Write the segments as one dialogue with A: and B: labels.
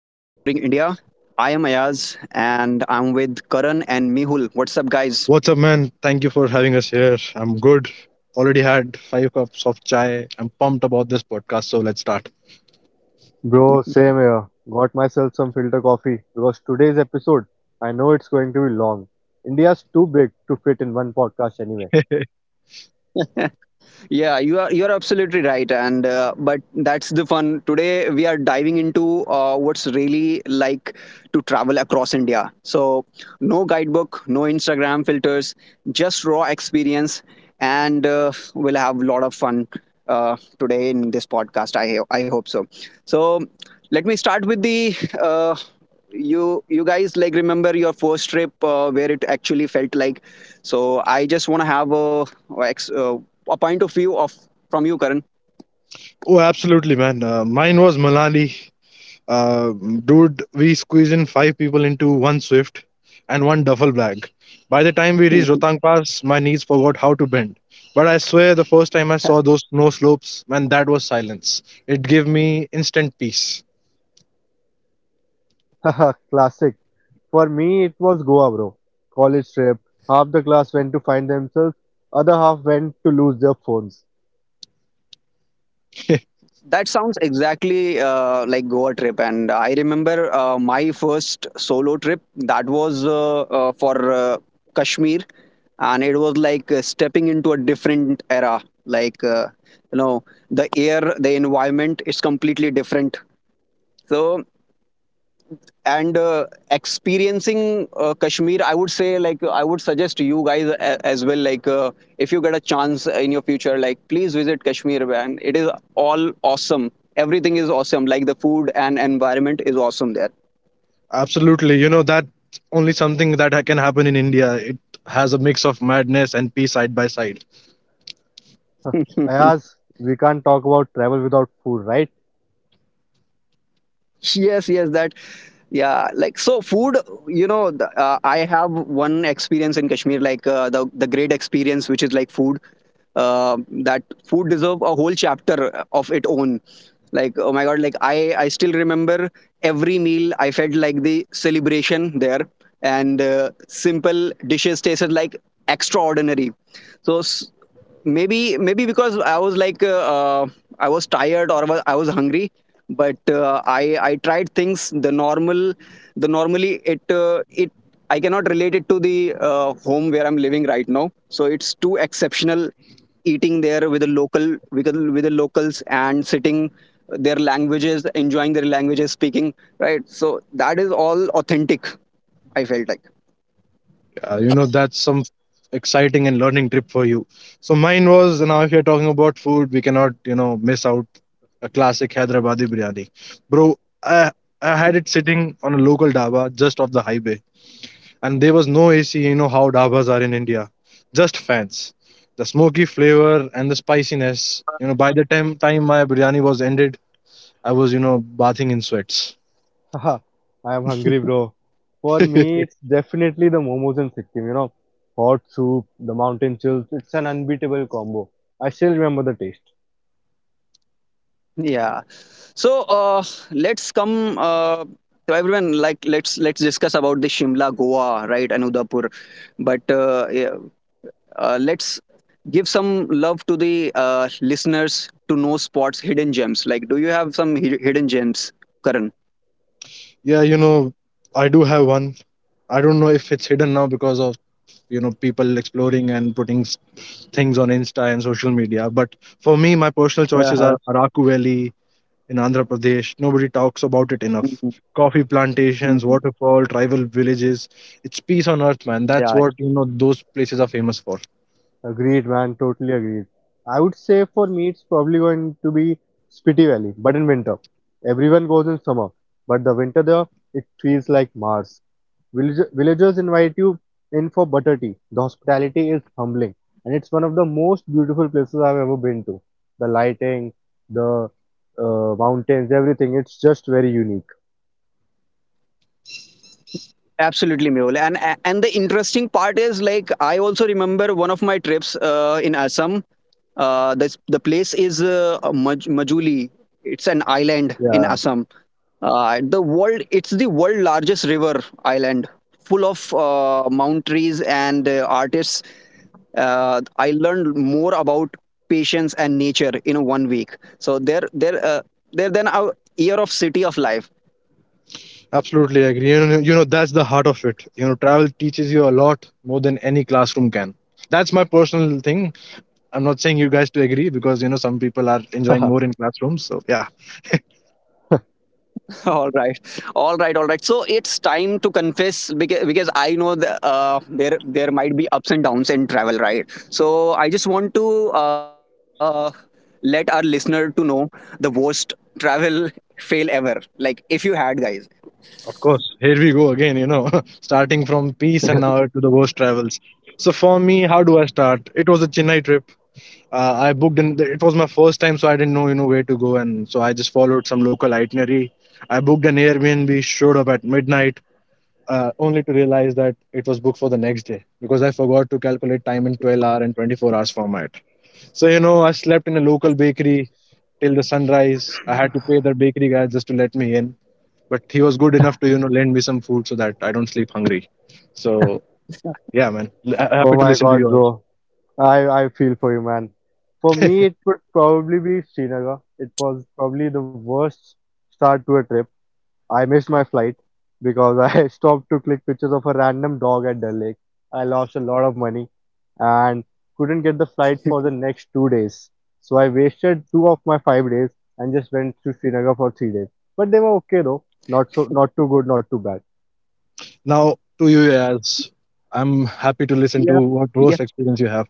A: I am Ayaz and I'm with Karan and Mehul. What's up, guys?
B: What's up, man? Thank you for having us here. I'm good. Already had five cups of chai. I'm pumped about this podcast, so let's start.
C: Bro, same here. Got myself some filter coffee because today's episode, I know it's going to be long. India's too big to fit in one podcast anyway.
A: You're absolutely right and but that's the fun. Today we are diving into what's really like to travel across india, so no guidebook, no instagram filters, just raw experience, and we'll have a lot of fun today in this podcast, I hope so. So let me start with the uh, you guys, like, remember your first trip where it actually felt like. So I just want to have a point of view of from you, Karan.
B: Oh, absolutely, man. Mine was Malali. Uh, Dude, we squeezed in five people into one Swift and one duffel bag. By the time we reached
A: Hmm.
B: Rotang Pass, my knees forgot how to bend. But I swear, the first time I saw those snow slopes, man, that was silence. It gave me instant peace.
C: Haha, classic. For me, it was Goa, bro. College trip. Half the class went to find themselves, other half went to lose their phones.
A: That sounds exactly like Goa trip, and I remember my first solo trip. That was for Kashmir, and it was like stepping into a different era. Like, you know, the air, the environment is completely different. So and experiencing kashmir, I would say, like, I would suggest you guys as well, like, if you get a chance in your future, like, please visit kashmir, man. It is all awesome. Everything is awesome, like the food and environment is awesome
B: Absolutely. You know, that's only something that can happen in India. It has a mix of madness and peace side by side.
A: there.
C: Ayaz, we can't talk about travel without food, right?
A: Yes, yes, that, yeah, like, so food, you know, I have one experience in kashmir, like, the great experience, which is like food. uh, that food deserve a whole chapter of its own. Like, oh my god, like, I still remember every meal. I felt like the celebration there, and simple dishes tasted like extraordinary. So maybe maybe because I was like I was tired or I was hungry. But I tried things the normal, the normally, it I cannot relate it to the home where I'm living right now. So it's too exceptional, eating there with the local, with the locals, and sitting their languages, enjoying their languages speaking, right? So that is all authentic, I felt like.
B: You know, that's some exciting and learning trip for you. So mine was now if you're talking about food, we cannot, you know, miss out a classic Hyderabadi biryani. Bro, I I had it sitting on a local dhaba just off the highway. And there was no AC, you know how dhabas are in India. Just fans. The smoky flavor and the spiciness. You know, by the time my biryani was ended, I was, you know, bathing in sweats.
C: Haha, I am hungry, bro. For me, it's definitely the momos in Sikkim, you know. Hot soup, the mountain chills, it's an unbeatable combo. I still remember the taste.
A: Yeah, so let's come to everyone, like, let's discuss about the shimla, goa, right, and udaipur. But yeah, let's give some love to the listeners, to know spots, hidden gems. Like, do you have some hidden gems, karan?
B: Yeah, you know, I do have one. I don't know if it's hidden now because of, you know, people exploring and putting things on Insta and social media. But for me, my personal choices
A: Uh-huh.
B: are Araku Valley in Andhra Pradesh. Nobody talks about it enough.
A: Mhm.
B: Coffee plantations,
A: Mhm.
B: waterfall, tribal villages. It's peace on earth, man.
A: Yeah.
B: That's what, you know, those places are famous for.
C: Agreed, man, totally agreed. I would say for me, it's probably going to be Spiti Valley, but in winter. Everyone goes in summer, but the winter there, it feels like Mars. Villagers invite you in for butter tea. The hospitality is humbling, and it's one of the most beautiful places I've ever been to. The lighting, the mountains, everything. It's just very unique.
A: Absolutely, Mehul. And the interesting part is, like, I also remember one of my trips in Assam. This, the place is Majuli. It's an island in
B: Yeah.
A: Assam. The world it's the world largest river island, full of mount trees and artists. I learned more about patience and nature in 1 week. So there Then a year of city of life.
B: Absolutely agree. You know, that's the heart of it. You know, travel teaches you a lot more than any classroom can. That's my personal thing. I'm not saying you guys to agree because you know some people are enjoying
C: Oh
B: more in classrooms. So yeah,
A: all right all right, all right, so it's time to confess because I know there might be ups and downs in travel, right? So I just want to uh, let our listener to know the worst travel fail ever, like, if you had, guys.
B: of course. Here we go again. You know, starting from peace and now to the worst travels. So for me, how do I start? It was a Chennai trip. I booked and it was my first time, so I didn't know you know where to go, and so I just followed some local itinerary. I booked an Airbnb, showed up at midnight, only to realize that it was booked for the next day because I forgot to calculate time in 12 hour and 24 hours format. So, you know, I slept in a local bakery till the sunrise. I had to pay the bakery guy just to let me in, but he was good enough to, you know, lend me some food so that I don't sleep hungry. So, yeah, man, happy to
C: my
B: listen to
C: god,
B: yours.
C: bro. I feel for you, man. For me, it would probably be Srinagar. It was probably the worst start to a trip. I missed my flight because I stopped to click pictures of a random dog at Dal Lake. I lost a lot of money and couldn't get the flight for the next 2 days. So I wasted two of my 5 days and just went to Srinagar for 3 days. But they were okay though. Not so not too good, not too bad.
B: Now, to you, Yaz, I'm happy to listen
A: Yeah.
B: to what worst experience you have.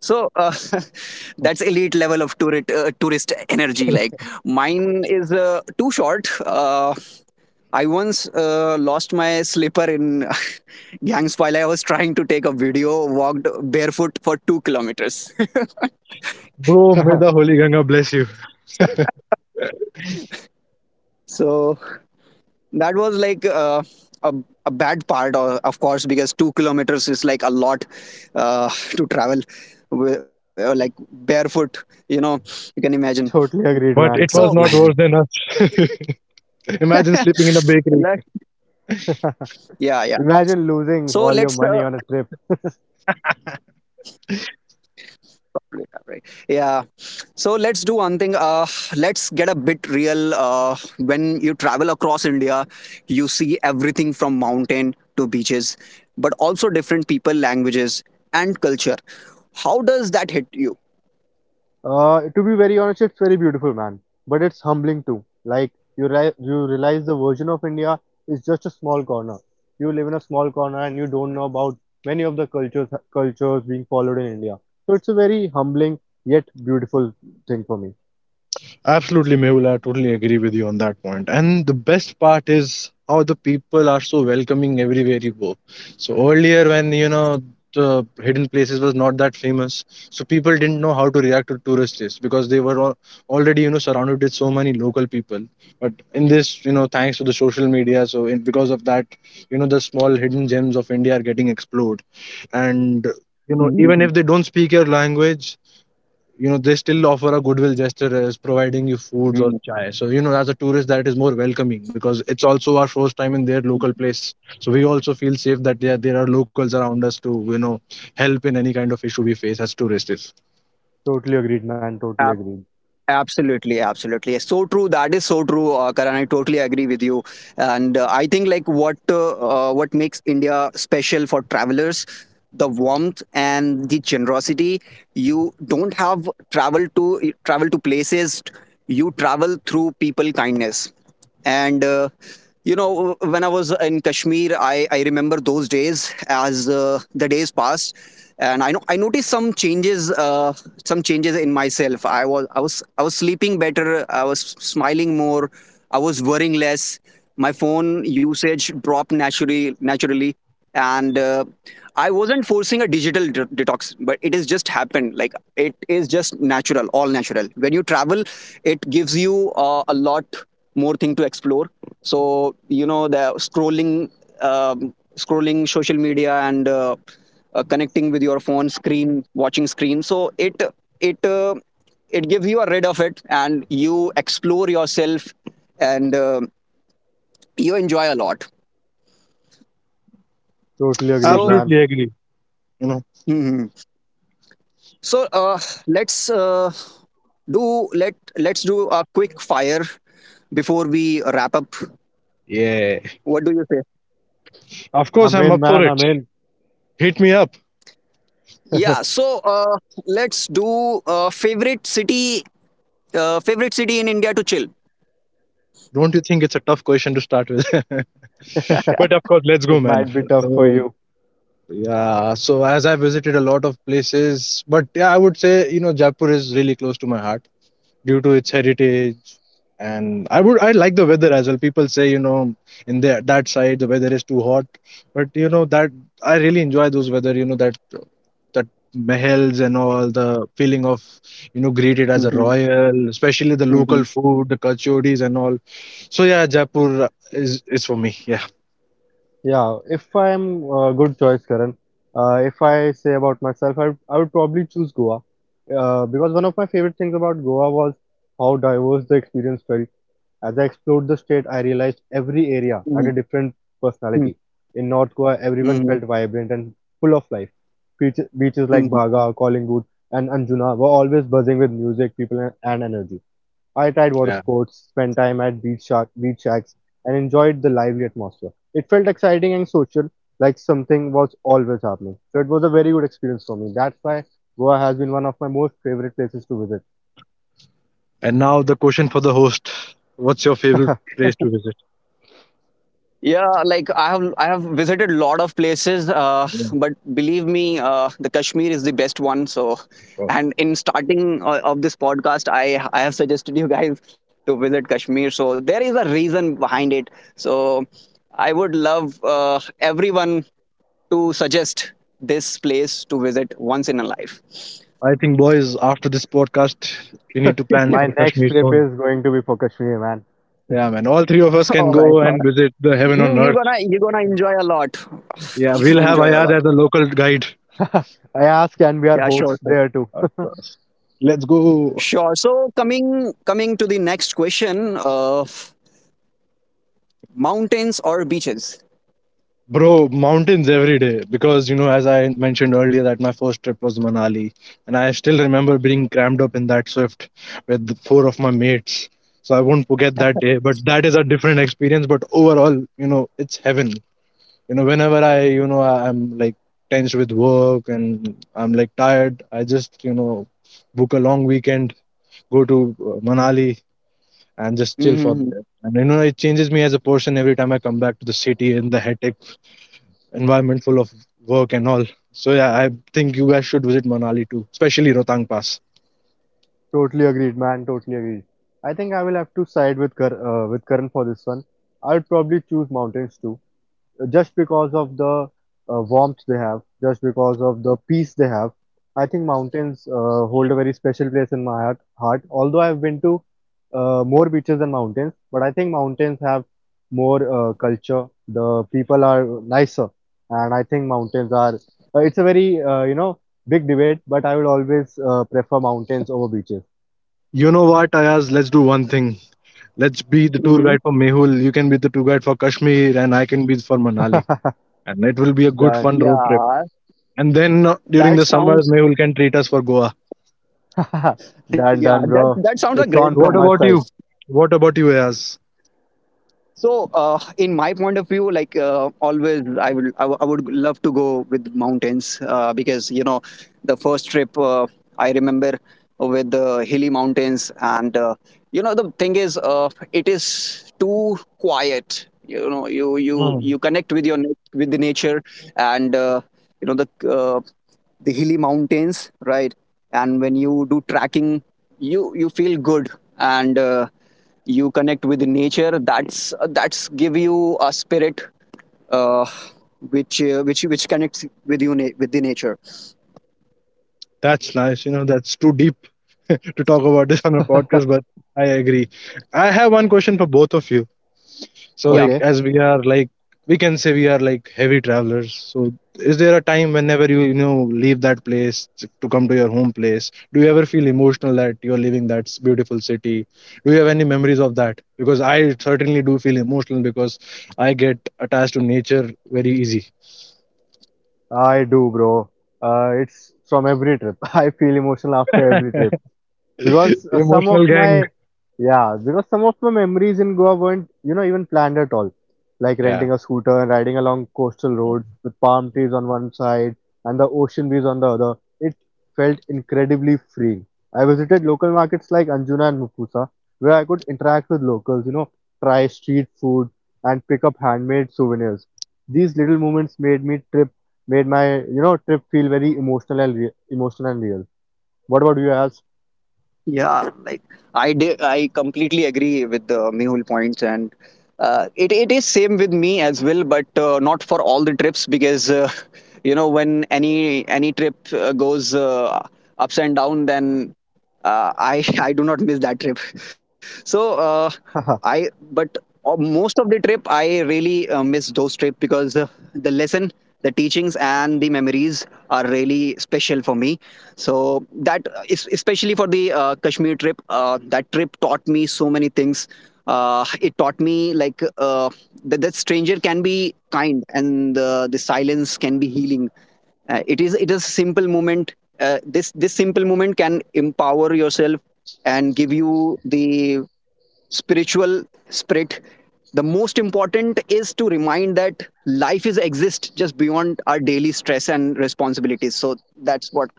A: So that's elite level of tourist tourist energy. Like, mine is too short. I once lost my slipper in gangs while I was trying to take a video. Walked barefoot for 2 kilometers.
B: Bro, may the Holy Ganga bless you.
A: So that was like a, a bad part, of course, because 2 kilometers is like a lot uh, to travel. Like, barefoot, you know, you can imagine.
C: Totally agreed,
B: But
C: man.
B: it
A: So,
B: was
C: Totally
B: not worse
C: agreed.
B: than us. Imagine sleeping in a bakery.
A: yeah, yeah.
C: Imagine
A: So
C: losing
A: let's
C: all your money on a trip.
A: probably, right. yeah so let's do one thing. Let's get a bit real. When you travel across india, you see everything from mountain to beaches, but also different people, languages, and culture. How does that hit you?
C: To be very honest, it's very beautiful, man. But it's humbling too. Like you realize the version of India is just a small corner. You live in a small corner and you don't know about many of the cultures being followed in India. So it's a very humbling yet beautiful thing for me.
B: Absolutely, Mehul. I totally agree with you on that point. And the best part is how the people are so welcoming everywhere you go. So earlier, when you know the hidden places was not that famous, so people didn't know how to react to tourists because they were already you know surrounded with so many local people. But in this, you know, thanks to the social media, so in, because of that, you know, the small hidden gems of India are getting explored. And you know, even if they don't speak your language, you know they still offer a goodwill gesture as providing you foods or chai so you know as a tourist that is more welcoming because it's also our first time in their local place so we also feel safe that there are locals around us to you know help in any kind of issue we face as tourists if
C: Totally agreed, man. Totally agreed.
A: Absolutely, absolutely. So true. That is so true, Karan. I totally agree with you. And I think like what makes India special for travelers, the warmth and the generosity. You don't have travel to travel to places. You travel through people kindness, and you know, when I was in kashmir, I remember those days as the days passed, and I know I noticed some changes, some changes in myself. I was sleeping better. I was smiling more. I was worrying less. My phone usage dropped naturally, and I wasn't forcing a digital detox, but it has just happened, like, it is just natural, all natural. When you travel, it gives you a lot more thing to explore. So, you know, the scrolling, scrolling social media, and connecting with your phone screen, watching screen, so it uh, it gives you a rid of it, and you explore yourself, and you enjoy a lot.
C: Totally agreed,
A: So
C: man.
B: Absolutely agree. You know,
A: mhm. So let's uh, do let let's do a quick fire before we wrap up.
B: yeah,
A: What do you say?
B: of course
C: I'm
B: I'm
C: in,
B: up for
C: man.
B: it.
C: I'm in.
B: Hit me up.
A: Yeah, so uh, let's do uh, favorite city favorite city in India to chill?
B: Don't you think it's a tough question to start with? But of course let's go,
C: It
B: man.
C: might be tough for
B: So
C: you.
B: yeah, so as I visited a lot of places, but yeah I would say you know Jaipur is really close to my heart due to its heritage. And I like the weather as well. People say you know that side the weather is too hot, but you know that I really enjoy those weather. You know that mahals and all the feeling of you know greeted as a
A: Mhm,
B: royal, especially the
A: mhm,
B: local food, the kachoris and all. So yeah, Jaipur is for me. Yeah.
C: Yeah, if I am good choice, Karan. If I say about myself, I would probably choose Goa because one of my favorite things about Goa was how diverse the experience felt. As I explored the state, I realized every area
A: mhm,
C: had a different
A: mhm,
C: personality. In North Goa, everyone
A: mhm,
C: felt vibrant and full of life. Beaches like
A: mhm.
C: Baga, Collingwood, and Anjuna were always buzzing with music, people, and energy. I tried water
B: Yeah.
C: sports, spent time at beach shacks, and enjoyed the lively atmosphere. It felt exciting and social, like something was always happening. So it was a very good experience for me. That's why Goa has been one of my most favorite places to visit.
B: And now the question for the host: What's your favorite place to visit?
A: Yeah, like, I have visited a lot of places,
B: Yeah, of
A: but believe me, the Kashmir is the best one. So,
B: course.
A: and in starting of this podcast, I have suggested you guys to visit Kashmir. So there is a reason behind it. So I would love everyone to suggest this place to visit once in a life.
B: I think, boys, after this podcast, we need to plan
C: My
B: for
C: next
B: Kashmir
C: trip
B: soon.
C: is going to be for Kashmir, man.
B: Yeah, man. All three of us can
A: All right.
B: go and visit the heaven
A: you
B: on
A: you
B: earth.
A: gonna you gonna enjoy a lot.
B: Yeah,
A: You
B: we'll
A: gonna
B: have
A: enjoy a
B: Ayad
A: lot.
B: as a local guide.
C: Uh, I asked, can we are
A: Yeah, sure
C: hosts
A: sir.
C: there too?
B: Of course. Let's go,
A: Sure. So coming to the next question, mountains or beaches?
B: bro. Mountains every day because you know, as I mentioned earlier, that my first trip was Manali, and I still remember being crammed up in that Swift with four of my mates. So I won't forget that day. But that is a different experience. But overall, you know, it's heaven. You know, whenever I, you know, I'm like tense with work and I'm like tired, I just, you know, book a long weekend go to Manali and just chill for there.
A: Mm-hmm.
B: And you know, it changes me as a person every time I come back to the city in the hectic environment full of work and all. So yeah, I think you guys should visit Manali too, especially Rotang Pass.
C: Totally agreed, man. Totally agreed. I think I will have to side with Karan for this one. I would probably choose mountains too. Just because of the warmth they have, just because of the peace they have. I think mountains hold a very special place in my heart. Although I've been to more beaches than mountains, but I think mountains have more culture. The people are nicer, and I think mountains are. It's a very big debate, but I will always prefer mountains over beaches.
B: You know what, Ayaz? Let's do one thing. Let's be the tour
A: Mm-hmm.
B: guide for Mehul. You can be the tour guide for Kashmir, and I can be for Manali. And it will be a good,
C: Done,
B: fun road trip.
A: Yeah,
B: And then during
A: that
B: the summers,
A: sounds,
B: Mehul can treat us for Goa.
C: done,
A: yeah,
C: done,
A: that
C: bro.
A: that sounds a
C: It's
A: great
C: on
A: plan.
C: from
B: What
C: my
B: about
C: side.
B: you? What about you, Ayaz?
A: So, in my point of view, like, always, I would love to go with mountains because, you know, the first trip I remember with the hilly mountains, and you know the thing is, it is too quiet. You know, you
B: Hmm.
A: you connect with your with the nature, and you know the hilly mountains, right? And when you do tracking, you feel good and. You connect with nature. That's give you a spirit, uh, which which connects with with the nature.
B: That's nice. You know, that's too deep to talk about this on a podcast, but I agree. I have one question for both of you. So, like,
A: Yeah.
C: Okay.
B: as we are like, we can say we are like heavy travelers. So, is there a time whenever you, you know, leave that place to come to your home place? Do you ever feel emotional that you're leaving that beautiful city? Do you have any memories of that? Because I certainly do feel emotional because I get attached to nature very easy.
C: I do, bro. It's from every trip. I feel emotional after every trip because some of
B: Emotional gang.
C: my yeah, because some of my memories in Goa weren't, even planned at all, like
B: Yeah.
C: renting a scooter and riding along coastal roads with palm trees on one side and the ocean breeze on the other. It felt incredibly freeing. I visited local markets like Anjuna and Mukusa where I could interact with locals, try street food, and pick up handmade souvenirs. These little moments made my, trip feel very emotional and emotional and real. What about you, as?
A: Yeah, like, I completely agree with the mehul points. And it it is same with me as well, but not for all the trips, because you know, when any trip goes ups and down, then I I do not miss that trip. So I but most of the trip I really miss those trips, because the lesson, the teachings, and the memories are really special for me. So that is especially for the Kashmir trip. That trip taught me so many things. It taught me, like, that stranger can be kind, and the silence can be healing. It is a simple moment. This simple moment can empower yourself and give you the spiritual spirit. The most important is to remind that life is exist just beyond our daily stress and responsibilities. So that's what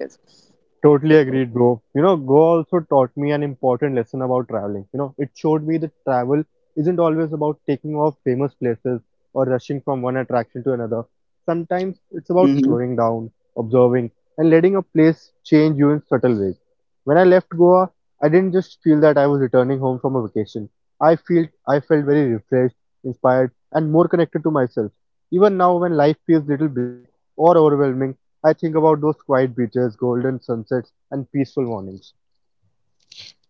A: it is.
C: Totally agreed, bro. You know, Goa also taught me an important lesson about traveling. You know, it showed me that travel isn't always about taking off famous places or rushing from one attraction to another. Sometimes it's about
A: Mhm.
C: slowing down, observing, and letting a place change you in subtle ways. When I left Goa, I didn't just feel that I was returning home from a vacation. I felt very refreshed, inspired, and more connected to myself. Even now, when life feels little busy or overwhelming, I think about those quiet beaches, golden sunsets, and peaceful mornings.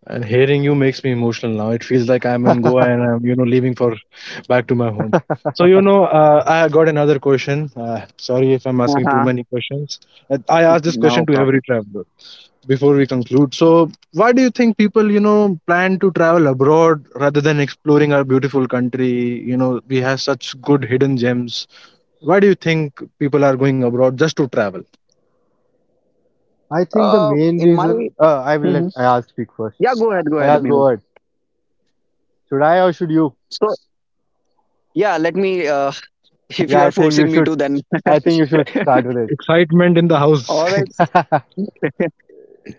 B: And hearing you makes me emotional now. It feels like I'm in Goa
C: I
B: and I'm, you know, leaving for back to my home. So, you know, I got another question. Sorry if I'm asking too
A: Uh-huh.
B: many questions. I ask this
A: No
B: question to
A: problem.
B: every traveler before we conclude. So, why do you think people, you know, plan to travel abroad rather than exploring our beautiful country? You know, we have such good hidden gems. Why do you think people are going abroad just to travel?
C: think the main
A: In my
C: reason I will
A: Mhm.
C: let Ayaz speak
A: Yeah,
C: first.
A: go ahead,
C: Ayaz,
A: Mehul.
C: go ahead. Should I or should you?
A: So yeah, let me. If
C: Yeah,
A: you are
C: I think you
A: forcing me
C: should.
A: to, then
C: I think you should start with
B: Excitement in the house.
A: all
C: it.
A: right.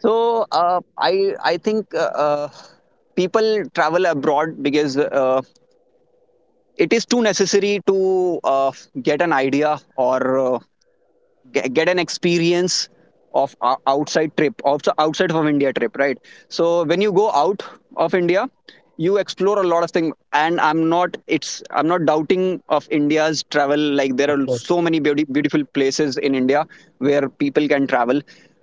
A: So I think people travel abroad because it is too necessary to get an idea or get an experience of a outside trip of outside of india trip, right? So when you go out of india, you explore a lot of things. And I'm not doubting of india's travel. Like,
B: Of
A: there are
B: course.
A: so many beauty, beautiful places in india where people can travel.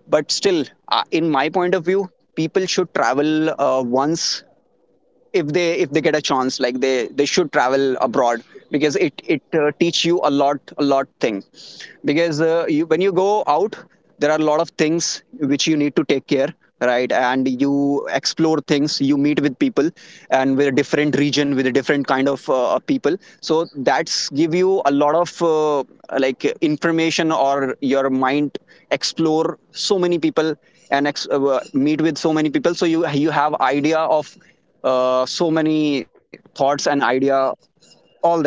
A: But still, in my point of view, people should travel once, if they get a chance, like, they should travel abroad, because it teach you a lot thing. Because when you go out, there are a lot of things which you need to take care, right? And you explore things, you meet with people, and with a different region, with a different kind of people. So that's give you a lot of like information, or your mind explore so many people, and meet with so many people, so you have idea of so many thoughts and idea, all that.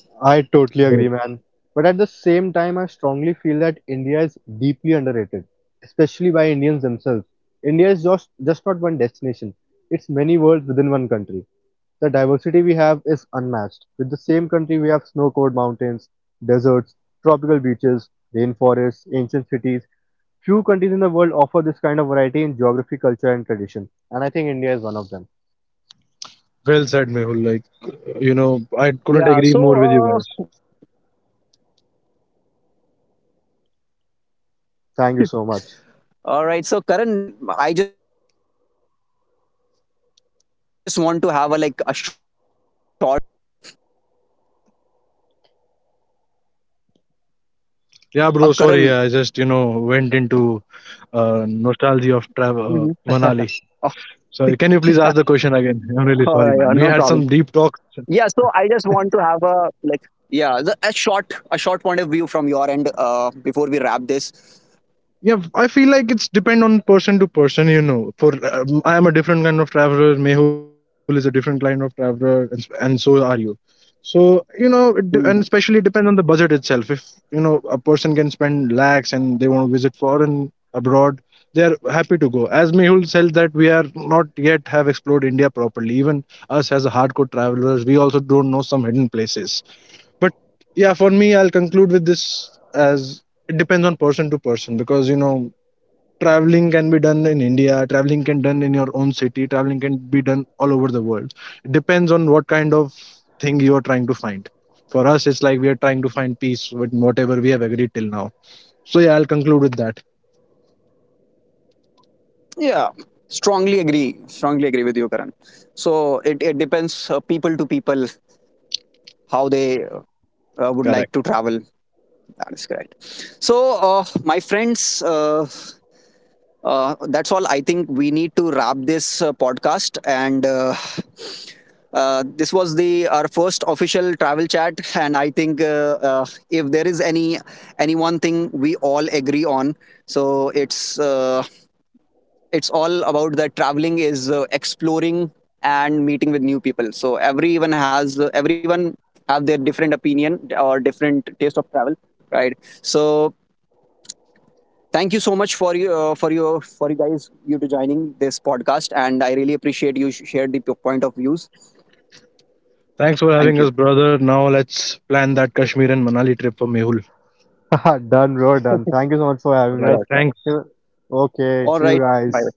C: I totally agree, man. But at the same time, I strongly feel that India is deeply underrated, especially by Indians themselves. India is just not one destination, it's many worlds within one country. The diversity we have is unmatched. With the same country we have snow-covered mountains, deserts, tropical beaches, rainforests, ancient cities. Few countries in the world offer this kind of variety in geography, culture and tradition. And I think India is one of them.
B: Well said, Mehul. Like, you know, I couldn't
A: Yeah,
B: agree
A: so
B: more with you guys.
A: uh, all right, so karan, do I just want to
C: Thank you
A: have a
C: so
A: like
C: much.
A: a short point of view from your end as well, karan.
B: Yeah, bro. Sorry, yeah, I just you know went into
A: Mhm.
B: nostalgia of travel
A: Oh.
B: Manali. So can you please ask the
A: Oh,
B: question
A: yeah,
B: again?
A: no
B: I'm
A: problem.
B: really sorry, man. We had some
A: Yeah,
B: deep
A: so I
B: talks.
A: just want to have a like yeah, the, a short point of view from your end before we wrap this.
B: Yeah, I feel like it's depend on person to person. You know, for I am a different kind of traveler, Mehul is a different kind of traveler, and so are you. So you know and especially it
A: Mhm.
B: depends on the budget itself. If you know a person can spend lakhs and they want to visit foreign abroad, they are happy to go. As Mehul said that we are not yet have explored India properly. Even us as a hardcore travelers, we also don't know some hidden places. But yeah, for me, I'll conclude with this as it depends on person to person, because you know traveling can be done in India, traveling can done in your own city, traveling can be done all over the world. It depends on what kind of thing you are trying to find. For us, it's like we are trying to find peace with whatever we have agreed till now. So yeah, I'll conclude with that.
A: Yeah, strongly agree, strongly agree with you, karan. So it depends, people to people, how they would like to
B: Correct.
A: travel. That is correct. So, my friends, that's all. I think we need to wrap this podcast. And this was the our first official travel chat. And I think if there is any one thing we all agree on, so it's all about that traveling is exploring and meeting with new people. So everyone have their different opinion or different taste of travel, right? So thank you so much for you, for your for you guys, you to joining this podcast, and I really appreciate you shared the point of views.
B: Thanks for
A: Thank
B: having us,
A: you.
B: brother. Now let's plan that Kashmir and Manali trip for Mehul.
C: Done, bro, done. Thank you so much for
B: All
C: having
B: right,
C: us.
B: thanks.
C: Okay,
A: All
C: see you
A: right.
C: guys.